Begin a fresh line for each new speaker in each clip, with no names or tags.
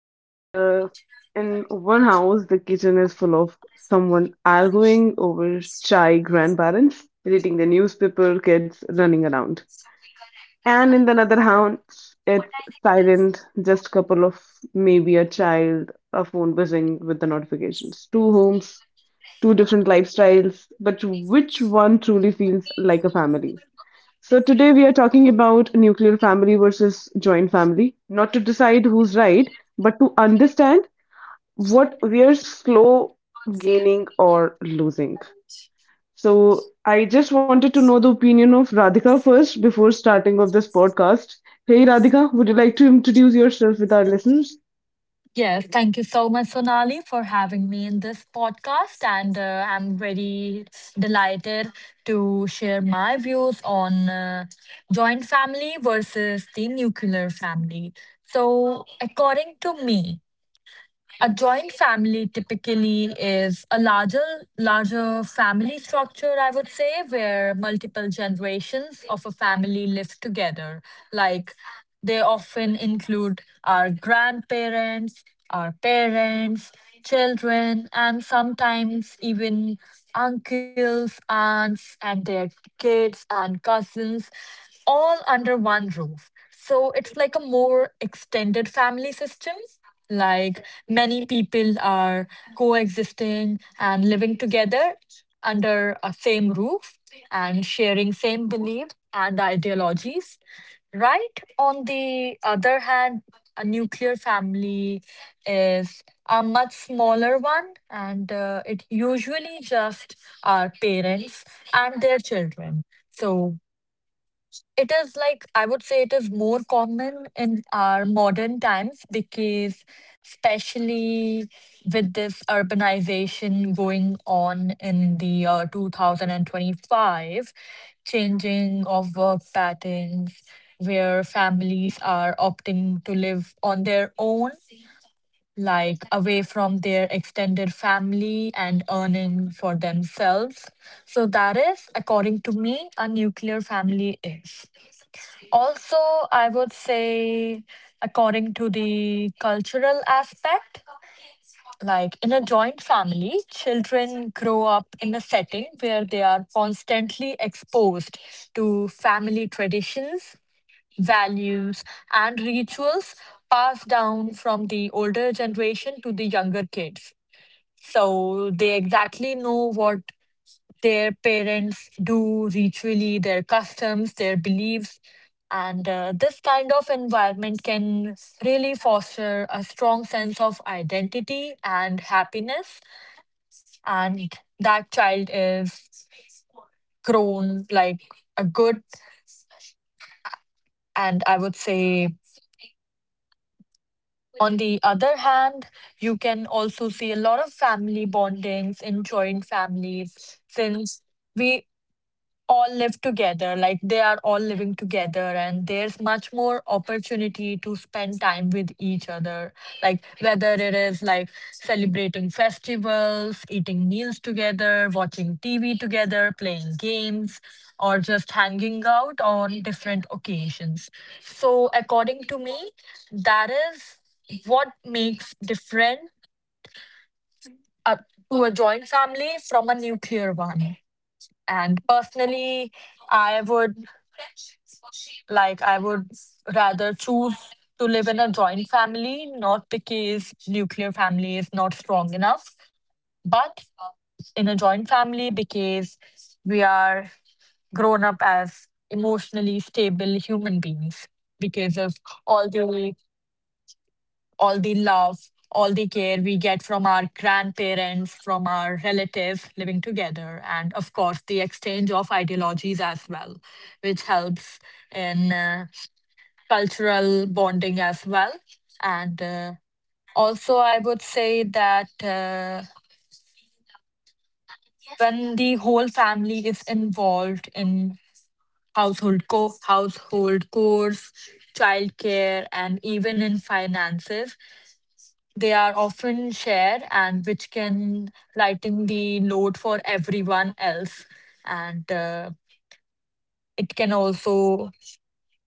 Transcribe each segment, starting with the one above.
And In one house, the kitchen is full of someone arguing over chai grandparents, reading the newspaper, kids running around. And in another house, it's silent, just couple of maybe a child, a phone buzzing with the notifications. Two homes, two different lifestyles, but which one truly feels like a family? So, today we are talking about nuclear family versus joint family, not to decide who's right, but to understand what we're slow gaining or losing. So, I just wanted to know the opinion of Radhika first before starting of this podcast. Hey Radhika, would you like to introduce yourself with our listeners?
Yes, thank you so much, Sonali, for having me in this podcast. And I'm very delighted to share my views on joint family versus the nuclear family. So, according to me, a joint family typically is a larger family structure, I would say, where multiple generations of a family live together. Like they often include our grandparents, our parents, children, and sometimes even uncles, aunts, and their kids and cousins, all under one roof. So it's like a more extended family system, like many people are coexisting and living together under a same roof and sharing same beliefs and ideologies, right? On the other hand, a nuclear family is a much smaller one, and it usually just our parents and their children. So it is like, I would say it is more common in our modern times because, especially with this urbanization going on in the year 2025, changing of work patterns, where families are opting to live on their own, like away from their extended family and earning for themselves. So that is, according to me, a nuclear family is. Also, I would say, according to the cultural aspect, like in a joint family, children grow up in a setting where they are constantly exposed to family traditions, values, and rituals passed down from the older generation to the younger kids. So they exactly know what their parents do ritually, their customs, their beliefs. And this kind of environment can really foster a strong sense of identity and happiness. And that child is grown like a good, and I would say. On the other hand, you can also see a lot of family bondings in joint families, since we all live together, like they are all living together, and there's much more opportunity to spend time with each other, like whether it is like celebrating festivals, eating meals together, watching tv together, playing games, or just hanging out on different occasions. So according to me, that is what makes different uh, to a joint family from a nuclear one. And personally, I would I would rather choose to live in a joint family, not because nuclear family is not strong enough, but in a joint family, because we are grown up as emotionally stable human beings because of all the, all the love, all the care we get from our grandparents, from our relatives living together, and of course the exchange of ideologies as well, which helps in cultural bonding as well. And also, I would say that when the whole family is involved in household chores, childcare, and even in finances, they are often shared, and which can lighten the load for everyone else. And it can also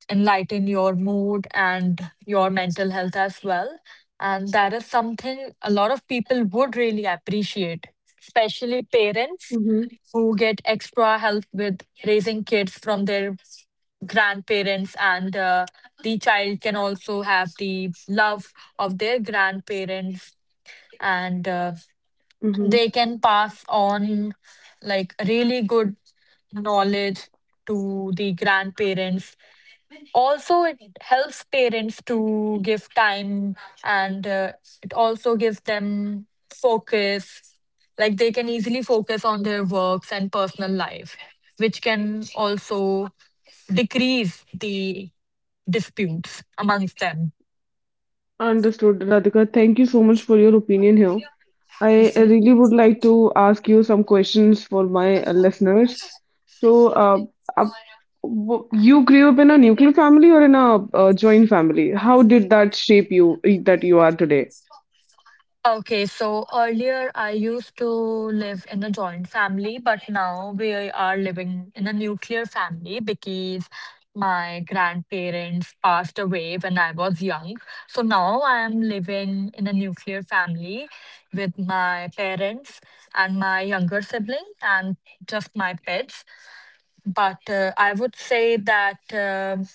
enlighten your mood and your mental health as well. And that is something a lot of people would really appreciate, especially parents
Mm-hmm.
who get extra help with raising kids from their grandparents, and the child can also have the love of their grandparents, and they
Mm-hmm.
can pass on like really good knowledge to the grandparents. Also, it helps parents to give time, and it also gives them focus, like they can easily focus on their works and personal life, which can also decrease the disputes amongst them.
Understood, Radhika. Thank you so much for your opinion here. I
Mm-hmm.
really would like to ask you some questions for my listeners. So, uh, uh, you grew up in a nuclear family or in a joint family? How did that shape you that you are today?
Okay, so earlier I used to live in a joint family, but now we are living in a nuclear family because my grandparents passed away when I was young. So now I am living in a nuclear family with my parents and my younger sibling and just my pets. But I would say that,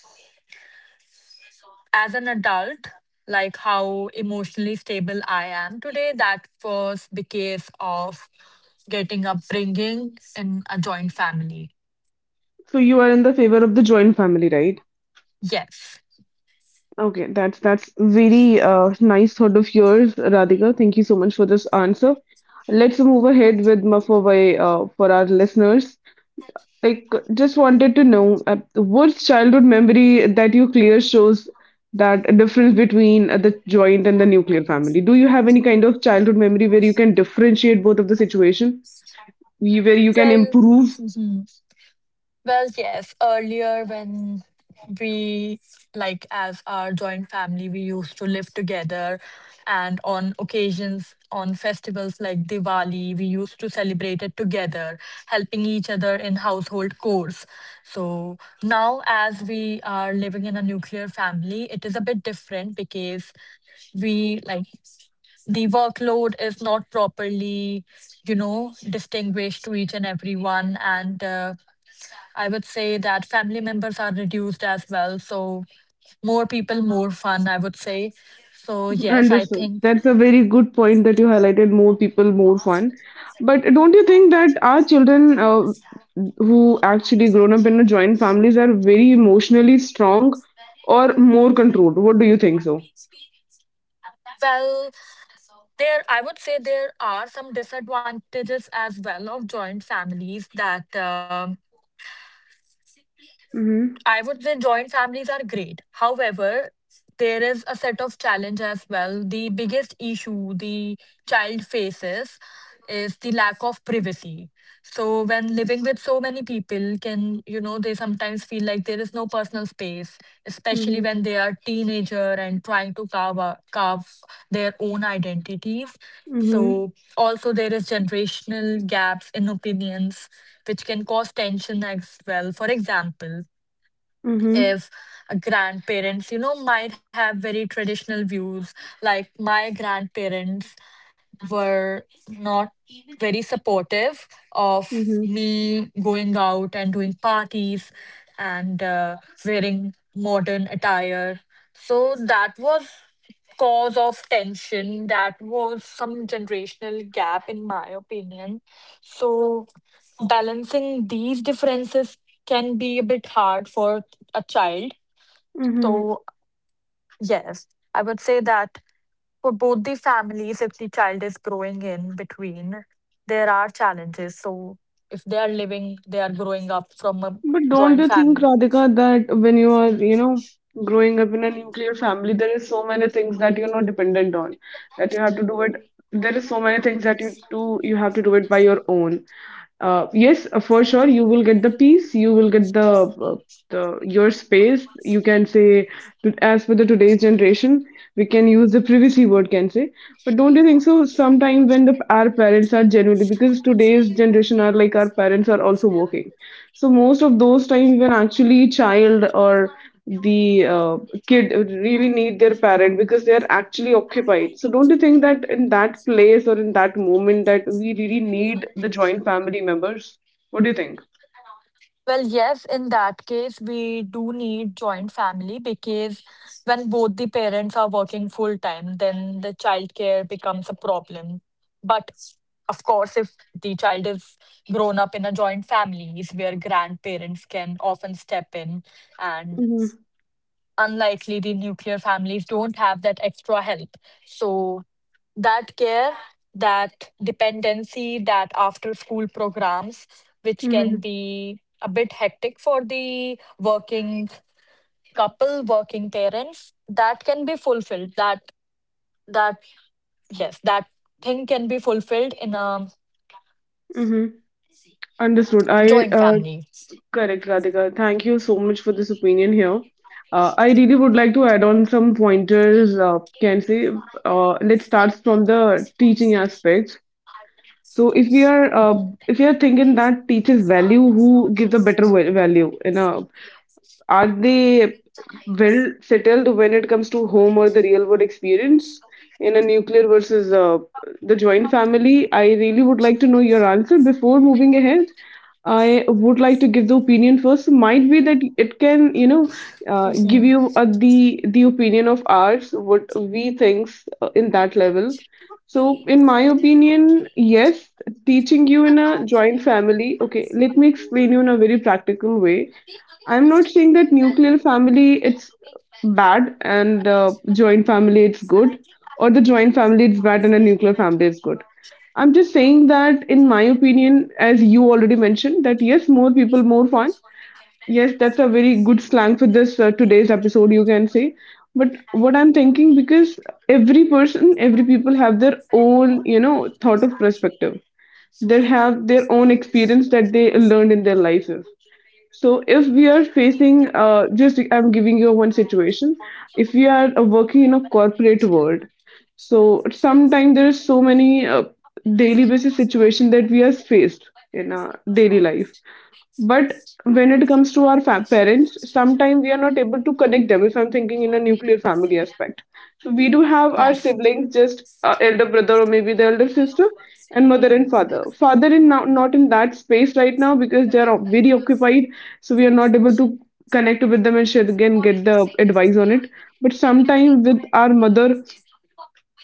as an adult, like how emotionally stable I am today, that was because of getting upbringing in a joint family.
So, you are in the favor of the joint family, right?
Yes.
Okay, that's very nice thought of yours, Radhika. Thank you so much for this answer. Let's move ahead with Mafawai for our listeners. Like, just wanted to know what's childhood memory that you clear shows that difference between the joint and the nuclear family. Do you have any kind of childhood memory where you can differentiate both of the situation, where you can
Well,
improve.
Well, yes, earlier when we, like, as our joint family, we used to live together. And on occasions, on festivals like Diwali, we used to celebrate it together, helping each other in household chores. So now, as we are living in a nuclear family, it is a bit different, because we, like, the workload is not properly, you know, distinguished to each and everyone. And, I would say that family members are reduced as well. So more people, more fun, I would say. So yes, I
Understood.
think.
That's a very good point that you highlighted. More people, more fun. But don't you think that our children, who actually grown up in a joint families, are very emotionally strong or more controlled? What do you think so?
Well, there I would say there are some disadvantages as well of joint families that
Mm-hmm.
I would say joint families are great. However, there is a set of challenge as well. The biggest issue the child faces is the lack of privacy. So when living with so many people can, you know, they sometimes feel like there is no personal space, especially
Mm-hmm.
when they are teenager and trying to carve their own identities.
Mm-hmm.
So also there is generational gaps in opinions, which can cause tension as well. For example,
Mm-hmm.
if grandparents, you know, might have very traditional views. Like my grandparents were not very supportive of me going out and doing parties, and wearing modern attire. So that was cause of tension, that was some generational gap in my opinion. So balancing these differences can be a bit hard for a child.
Mm-hmm.
So, yes, I would say that for both the families, if the child is growing in between, there are challenges. So, if they are living, they are growing up from a
But don't
joint
you think,
family.
Radhika, that when you are, you know, growing up in a nuclear family, there is so many things that you're not dependent on, that you have to do it. There is so many things that you do, you have to do it by your own. Yes, for sure, you will get the peace, you will get uh, the your space. You can say, as per the today's generation, we can use the privacy word, can say. But don't you think so? Sometimes when the our parents are genuinely, because today's generation are like our parents are also working. So most of those times when actually child or the kid really need their parent because they are actually occupied. So don't you think that in that place or in that moment that we really need the joint family members? What do you think?
Well, yes, in that case, we do need joint family because when both the parents are working full time, then the childcare becomes a problem. But of course, if the child is grown up in a joint families where grandparents can often step in, and
Mm-hmm.
unlikely the nuclear families don't have that extra help. So that care, that dependency, that after school programs, which
Mm-hmm.
can be a bit hectic for the working couple, working parents, that can be fulfilled. That yes, that thing can be fulfilled in a
Mm-hmm. Understood. I
joint family.
Correct, Radhika. Thank you so much for this opinion here. I really would like to add on some pointers. Can say, let's start from the teaching aspect. So if we are uh, if
Mhm.
we are thinking that teachers value who gives a better value, you know, are they well settled when it comes to home or the real world experience in a nuclear versus the joint family? I really would like to know your answer before moving ahead. I would like to give the opinion first. Might be that it can, you know, give
Mhm.
you the opinion of ours, what we thinks in that level. So, in my opinion, yes, teaching you in a joint family. Okay, let me explain you in a very practical way. I'm not saying that nuclear family it's bad and joint family it's good, or the joint family it's bad and a nuclear family is good. I'm just saying that, in my opinion, as you already mentioned, that yes, more people, more fans. Yes, that's a very good slang for this today's episode, you can say. But what I'm thinking, because every person, every people have their own, you know, thought of perspective. They have their own experience that they learned in their life. So if we are facing, just I'm giving you one situation. If we are working in a corporate world, so sometimes there is so many daily basis situation that we are faced in our daily life. But when it comes to our fa parents, sometimes we are not able to connect them. If I'm thinking in a nuclear family aspect, we do have our
Yes.
siblings, just elder brother or maybe the elder sister, and mother and father. Father in now not in that space right now because they are very occupied, so we are not able to connect with them and share again get the advice on it. But sometime with our mother.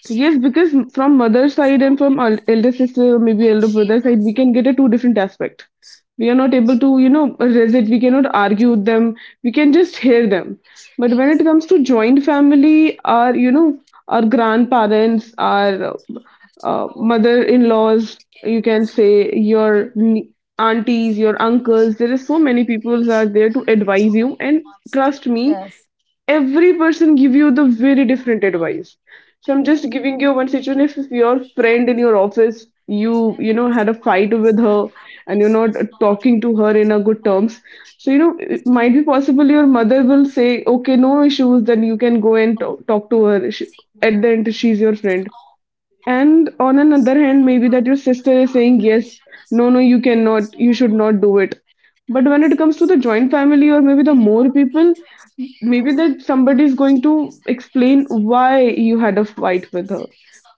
Yes, because from mother's side and from elder sister, maybe elder brother side, we can get a two different aspect. We are not able to, you know, resist. We cannot argue with them. We can just hear them. But when it comes to joint family, our, you know, our grandparents, our mother-in-laws, you can say your aunties, your uncles. There is so many people are there to advise you. And trust me,
Yes.
every person give you the very different advice. So I'm just giving you one situation. If, your friend in your office you, you know, had a fight with her and you're not talking to her in a good terms, so you know it might be possible your mother will say okay no issues, then you can go and talk to her. At the end she's your friend. And on another hand, maybe that your sister is saying, yes, no, no, you cannot, you should not do it. But when it comes to the joint family or maybe the more people, maybe that somebody is going to explain why you had a fight with her,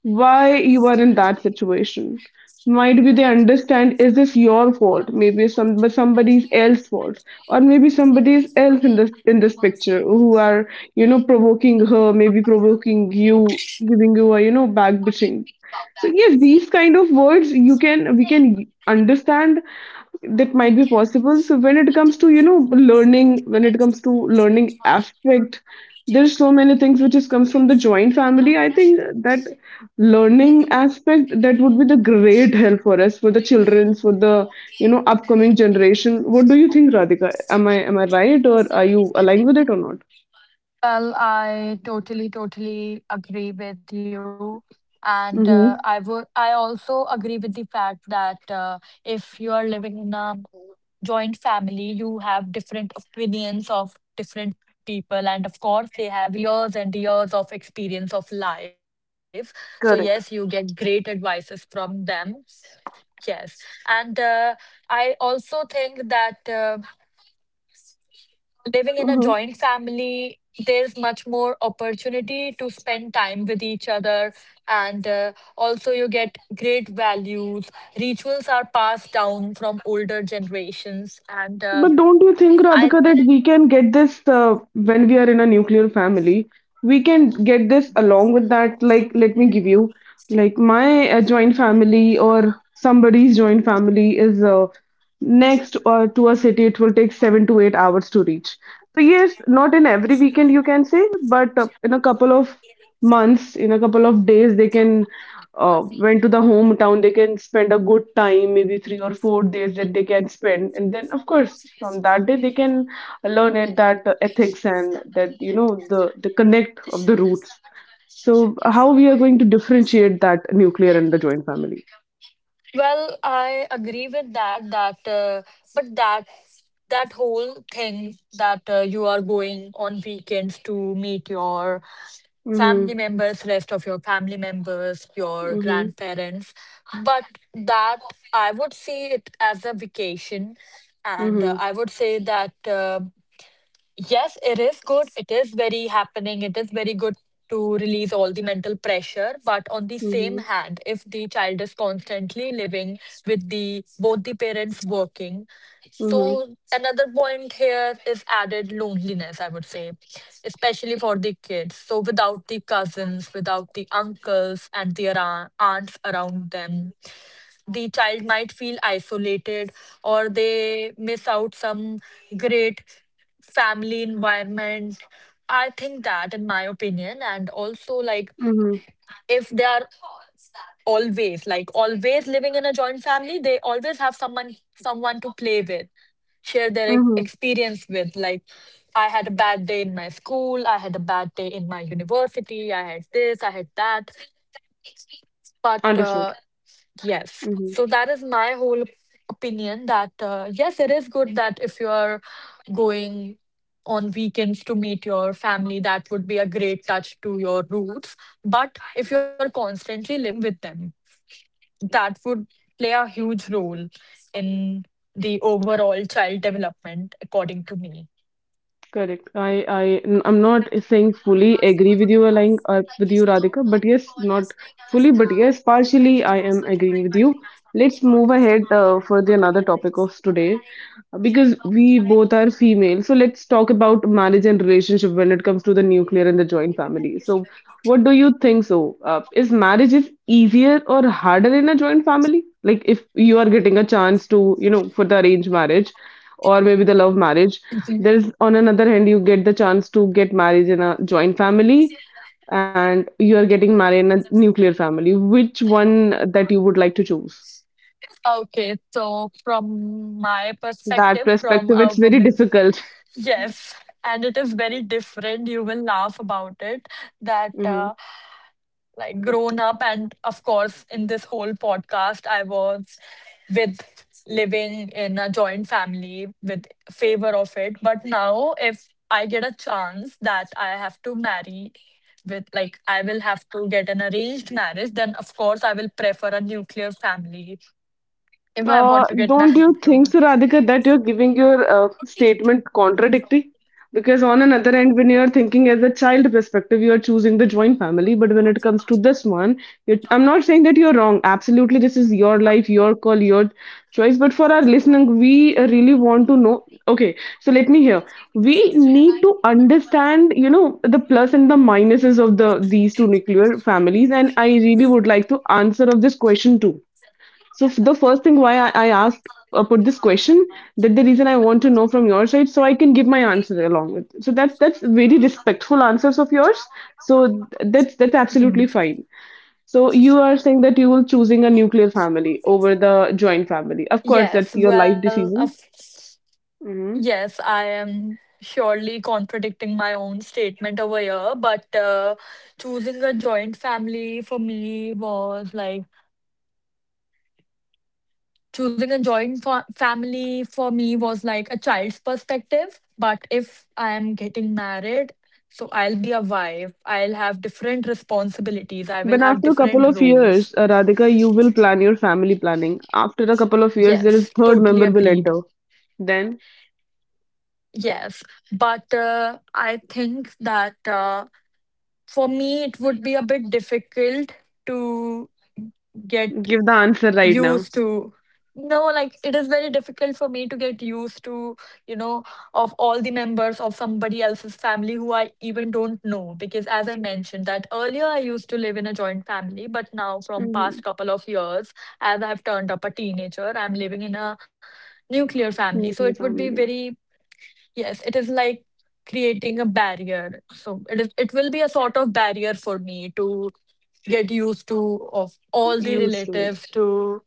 why you are in that situation. Might be they understand, is this your fault, maybe some but somebody's else fault, or maybe somebody's else in this picture who are, you know, provoking her, maybe provoking you, giving you a, you know, back bitching. So yes, these kind of words you can, we can understand that might be possible. So when it comes to, you know, learning, when it comes to learning aspect, there's so many things which is comes from the joint family. I think that learning aspect that would be the great help for us, for the children, for the, you know, upcoming generation. What do you think, Radhika? Am I right or are you aligned with it or not?
Well, I totally agree with you. And
Mm-hmm.
I also agree with the fact that if you are living in a joint family, you have different opinions of different people. And of course, they have years and years of experience of life. So,
Correct.
yes, you get great advices from them. Yes. And I also think that, living in a joint family, there's much more opportunity to spend time with each other, and also you get great values. Rituals are passed down from older generations, and
But
uh,
don't you think, Radhika,
I,
that we can get this when we are in a nuclear family? We can get this along with that. Like, let me give you, like, my joint family or somebody's joint family is next to a city. It will take 7 to 8 hours to reach. So, yes, not in every weekend, you can say, but in a couple of months, in a couple of days they can went to the hometown, they can spend a good time maybe 3 or 4 days that they can spend, and then of course from that day they can learn at that ethics and that, you know, the connect of the roots. So how we are going to differentiate that nuclear and the joint family?
well, I agree with that. That but that whole thing that you are going on weekends to meet your
Mm-hmm,
family members, rest of your family members, your
mm-hmm,
grandparents. But that I would see it as a vacation, and
mm-hmm,
uh, I would say that, yes, it is good. It is very happening. It is very good to release all the mental pressure. But on the same
mm-hmm,
hand, if the child is constantly living with the both the parents working,
mm-hmm,
so another point here is added loneliness, I would say, especially for the kids. So without the cousins, without the uncles and their a- aunts around them, the child might feel isolated or they miss out some great family environment. I think that, in my opinion, and also like
mm-hmm.
if they are always living in a joint family, they always have someone, someone to play with, share their
Mm-hmm.
experience with, like I had a bad day in my school, I had a bad day in my university, I had this, I had that, but
Understood.
yes.
Mm-hmm.
So that is my whole opinion that yes, it is good that if you are going on weekends to meet your family, that would be a great touch to your roots. But if you're constantly living with them, that would play a huge role in the overall child development, according to me.
Correct. I'm not saying fully agree with you, aligning with you, Radhika, but yes, not fully, but yes, partially, I am agreeing with you. Let's move ahead for the another topic of today, because we both are female, so let's talk about marriage and relationship when it comes to the nuclear and the joint family. So what do you think so, is marriage is easier or harder in a joint family? Like if you are getting a chance to, you know, for the arranged marriage or maybe the love marriage,
Mhm.
there's on another hand you get the chance to get married in a joint family and you are getting married in a nuclear family, which one that you would like to choose?
Okay, so from my
That
perspective, from
perspective
a
it's very
woman's.
difficult.
Yes, and it is very different. You will laugh about it that,
Mm-hmm.
like, grown up, and of course, in this whole podcast, I was with living in a joint family with favor of it. But now, if I get a chance that I have to marry with, like, I will have to get an arranged marriage, then of course, I will prefer a nuclear family if I want to get
Don't you
married
think,
to.
so, Radhika, that you're giving your statement contradictory? Because on another end, when you're thinking as a child perspective, you are choosing the joint family. But when it comes to this one, you, I'm not saying that you're wrong. Absolutely, this is your life, your call, your choice. But for our listening, we really want to know. Okay, so let me hear. We need to understand, you know, the plus and the minuses of the these two nuclear families, and I really would like to answer of this question too. The first thing why I asked put this question that the reason I want to know from your side so I can give my answer along with. So that's very respectful answers of yours. So that's absolutely
Mhm.
fine. So you are saying that you will choosing a nuclear family over the joint family. Of course, that's
Yes,
your life
well, of
decision. Hmm.
yes, I am surely contradicting my own statement over here, but choosing a joint family for me was like, choosing a joint fa family for me was like a child's perspective. But if I am getting married, so I'll be a wife, I'll have different responsibilities, I will
But
have
after a couple
different
of
roles.
years, Radhika, you will plan your family planning. After a couple of years, there
Yes,
is third
totally
member will
agreed.
enter. Then
Yes, but I think that for me it would be a bit difficult to get
give the answer right now.
used to. No, like it is very difficult for me to get used to, you know, of all the members of somebody else's family who I even don't know. Because as I mentioned that earlier, I used to live in a joint family, but now from
Hmm.
past couple of years, as I've turned up a teenager, I'm living in a nuclear family. So it
Nuclear
would be
family.
very. Yes, it is like creating a barrier. So it is, it will be a sort of barrier for me to get used to of all the
Used to it.
relatives to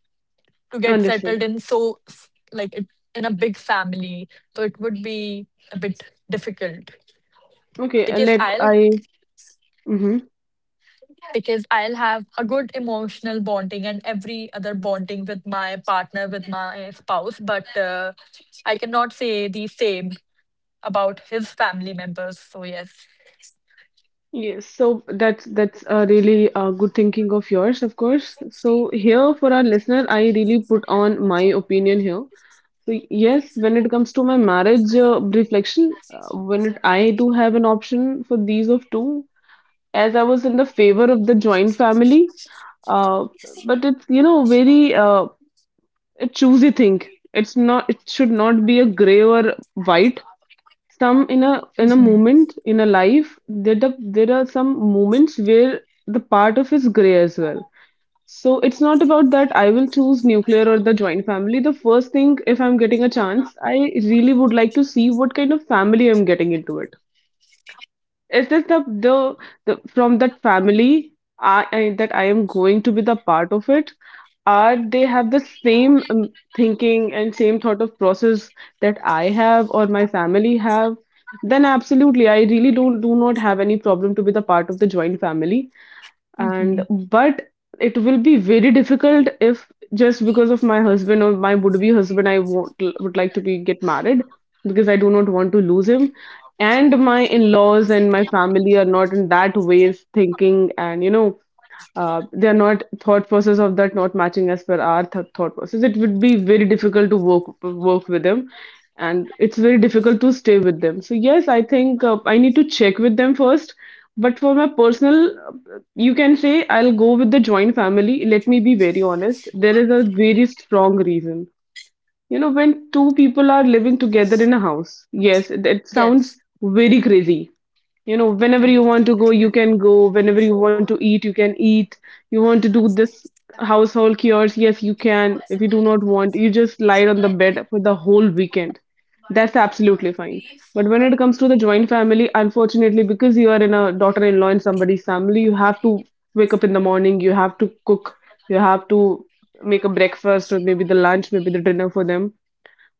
to get
Understood.
settled in, so like it, in a big family. So it would be a bit difficult,
Okay,
because
let
I'll,
i. Hmm,
because I'll have a good emotional bonding and every other bonding with my partner, with my spouse, but I cannot say the same about his family members. So yes.
yes, so that's a really good thinking of yours, of course, so here for our listener I really put on my opinion here. So yes, when it comes to my marriage reflection, when it, I do have an option for these of two, as I was in the favor of the joint family, uh, but it's, you know, very a choosy thing. It's not, it should not be a gray or white. Some in a
Mhm.
moment in a life there there are some moments where the part of is gray as well. So it's not about that I will choose nuclear or the joint family. The first thing, if I'm getting a chance, I really would like to see what kind of family I'm getting into it. Is this the from that family I that I am going to be the part of it? Are they have the same thinking and same thought of process that I have or my family have? Then absolutely, I really don't do not have any problem to be the part of the joint family.
Hmm.
And but it will be very difficult if just because of my husband or my would be husband I won't, would like to be get married, because I do not want to lose him and my in-laws and my family are not in that ways thinking, and you know, their not thought process of that not matching as per our thought process, it would be very difficult to work with them, and it's very difficult to stay with them. So yes, I think I need to check with them first. But for my personal, uh, you can say I'll go with the joint family. Let me be very honest, there is a very strong reason. You know, when two people are living together in a house, yes, it
Yes.
sounds very crazy. You know, whenever you want to go, you can go. Whenever you want to eat, you can eat. You want to do this household chores, yes, you can. If you do not want, you just lie on the bed for the whole weekend. That's absolutely fine. But when it comes to the joint family, unfortunately, because you are in a daughter-in-law in somebody's family, you have to wake up in the morning, you have to cook, you have to make a breakfast, or maybe the lunch, maybe the dinner for them.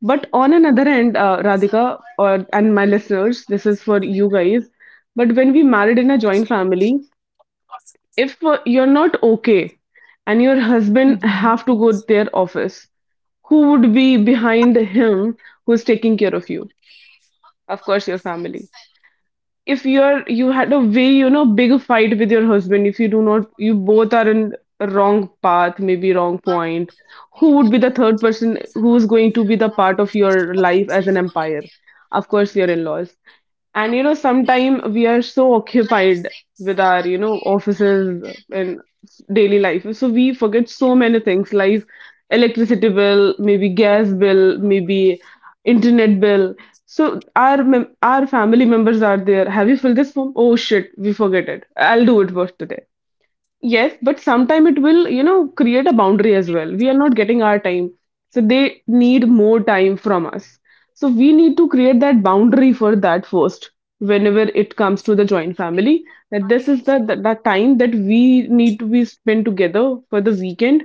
But on another end, Radhika or and my listeners, this is for you guys. But when we married in a joint family, if you're not okay and your husband
Hmm.
have to go their office, who would be behind him, who's taking care of you? Of course, your family. If you're, you had a very, you know, big fight with your husband, if you do not, you both are in a wrong path, maybe wrong point, who would be the third person who is going to be the part of your life as an empire? Of course, your in-laws. And you know, sometime we are so occupied with our, you know, offices and daily life, so we forget so many things like electricity bill, maybe gas bill, maybe internet bill. So our family members are there. Have you filled this form? Oh shit, we forget it. I'll do it first today. Yes, but sometime it will, you know, create a boundary as well. We are not getting our time. So they need more time from us. So we need to create that boundary for that first, whenever it comes to the joint family, that this is the time that we need to be spent together for the weekend.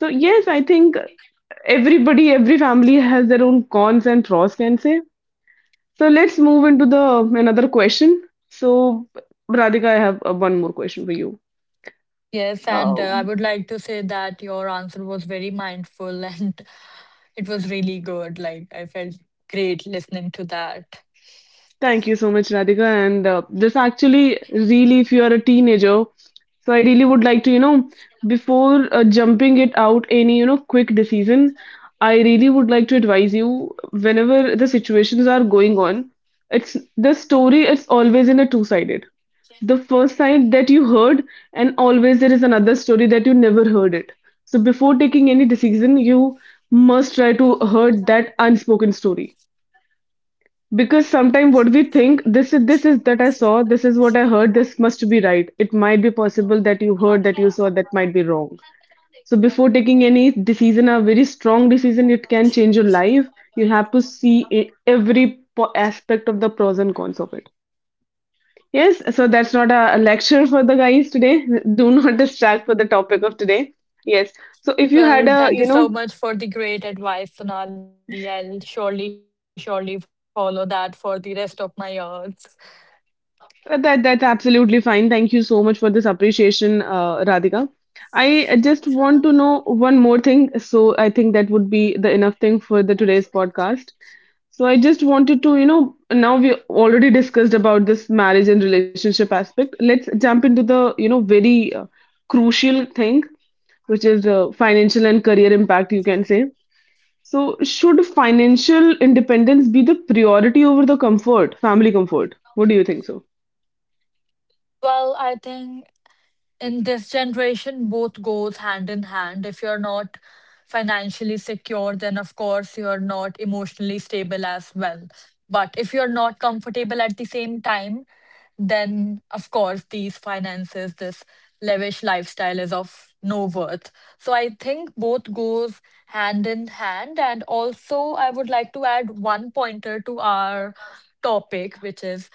So yes, I think everybody, every family has their own cons and pros, can say. So let's move into the another question. So Radhika, I have one more question for you.
Yes, and
Uh,
I would like to say that your answer was very mindful and it was really good. Like, I felt great listening to that.
Thank you so much, Radhika. And this actually, really, if you are a teenager, so I really would like to, you know, before jumping it out any, you know, quick decision, I really would like to advise you whenever the situations are going on, it's the story is always in a two-sided. The first side that you heard, and always there is another story that you never heard it. So before taking any decision, you must try to heard that unspoken story, because sometimes what we think, this is that I saw, this is what I heard, this must be right. It might be possible that you heard, that you saw, that might be wrong. So before taking any decision, a very strong decision, it can change your life. You have to see every aspect of the pros and cons of it. Yes, so that's not a lecture for the guys today. Do not distract for the topic of today. Yes. So if you
Well,
had
thank you
a, you
so
know,
much for the great advice, Sonali. I'll surely follow that for the rest of my years.
That that's absolutely fine. Thank you so much for this appreciation, Radhika. I just want to know one more thing, so I think that would be the enough thing for the today's podcast. So I just wanted to, you know, now we already discussed about this marriage and relationship aspect. Let's jump into the, you know, very crucial thing, which is financial and career impact, you can say. So should financial independence be the priority over the comfort, family comfort? What do you think so?
Well, I think in this generation both goes hand in hand. If you're not financially secure, then of course you're not emotionally stable as well. But if you're not comfortable at the same time, then of course these finances, this lavish lifestyle is of no worth. So I think both goes hand in hand. And also I would like to add one pointer to our topic, which is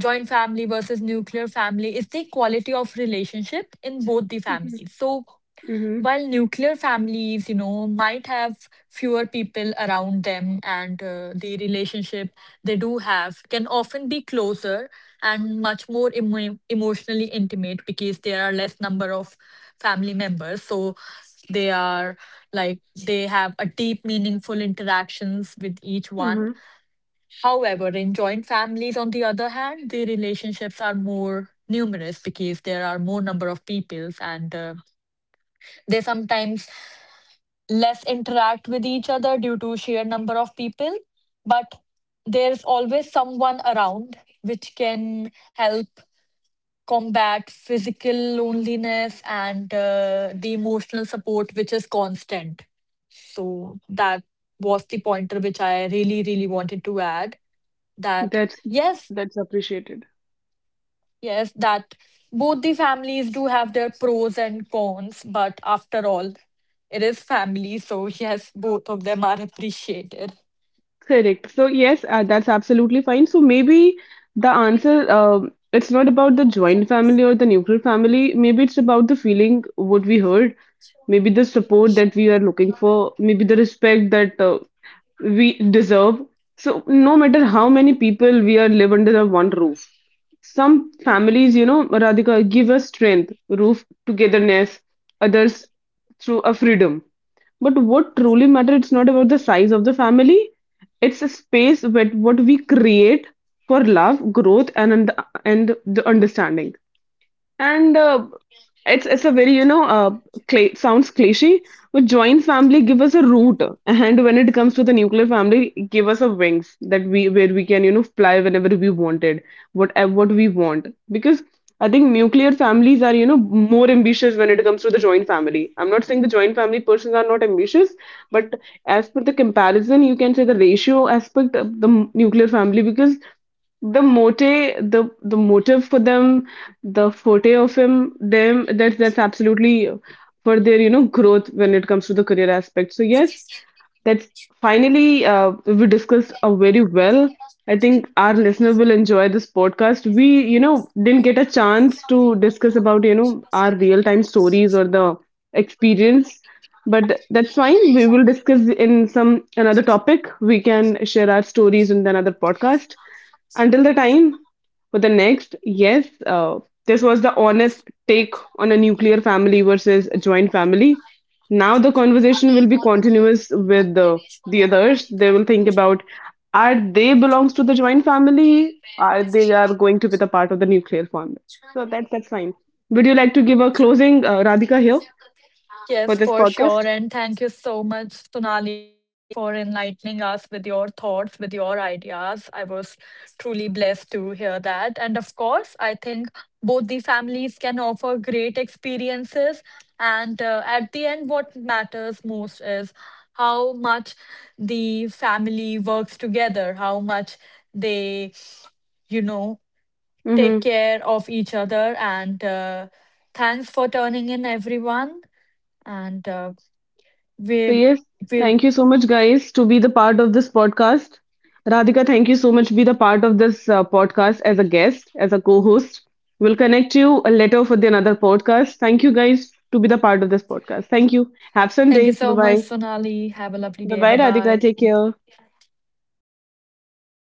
joint family versus nuclear family, is the quality of relationship in both the
Mm-hmm.
families. So
Mm-hmm.
while nuclear families, you know, might have fewer people around them, and the relationship they do have can often be closer and much more emotionally intimate, because there are less number of family members. So they are, like, they have a deep meaningful interactions with each one.
Mm-hmm.
However, in joint families, on the other hand, the relationships are more numerous because there are more number of peoples, and they sometimes less interact with each other due to sheer number of people. But there's always someone around, which can help combat physical loneliness, and the emotional support, which is constant. So that was the pointer which I really, really wanted to add. That
That's
yes,
that's appreciated.
Yes, that both the families do have their pros and cons, but after all, it is family, so yes, both of them are appreciated.
Correct. So yes, that's absolutely fine. So maybe the answer, it's not about the joint family or the nuclear family. Maybe it's about the feeling what we heard. Maybe the support that we are looking for. Maybe the respect that we deserve. So no matter how many people we are live under the one roof, some families, you know, Radhika, give us strength, roof togetherness, others through a freedom. But what truly matters, it's not about the size of the family, it's a space with what we create for love, growth, and the understanding. And it's a very you know cla sounds cliche, but joint family give us a root, and when it comes to the nuclear family, it give us a wings that we where we can, you know, fly whenever we wanted, what we want. Because I think nuclear families are, you know, more ambitious when it comes to the joint family. I'm not saying the joint family persons are not ambitious, but as per the comparison, you can say the ratio aspect of the nuclear family, because the motive, the motive for them, the forte of him them, that's absolutely for their, you know, growth when it comes to the career aspect. So yes, that finally we discussed very well. I think our listener will enjoy this podcast. We, you know, didn't get a chance to discuss about, you know, our real time stories or the experience, but that's fine. We will discuss in some another topic. We can share our stories in another podcast. Until the time, for the next, yes, this was the honest take on a nuclear family versus a joint family. Now the conversation will be continuous with the others. They will think about, are they belongs to the joint family? Are they are going to be the part of the nuclear family? So that's fine. Would you like to give a closing, Radhika, here for
Yes,
this
for
podcast?
sure. And thank you so much, Sonali, for enlightening us with your thoughts, with your ideas. I was truly blessed to hear that. And of course, I think both the families can offer great experiences. And at the end, what matters most is how much the family works together, how much they, you know, take
Hmm.
care of each other, and thanks for turning in everyone, and
So
we
yes,
will
thank you so much, guys, to be the part of this podcast. Radhika, thank you so much to be the part of this podcast as a guest, as a co-host. We'll connect you later for the another podcast. Thank you, guys, to be the part of this podcast. Thank you. Have
thank you
Sunday. Bye
so much,
bye.
Sonali, have a lovely
Bye
day, bye
bye, Radhika.
bye.
Take care.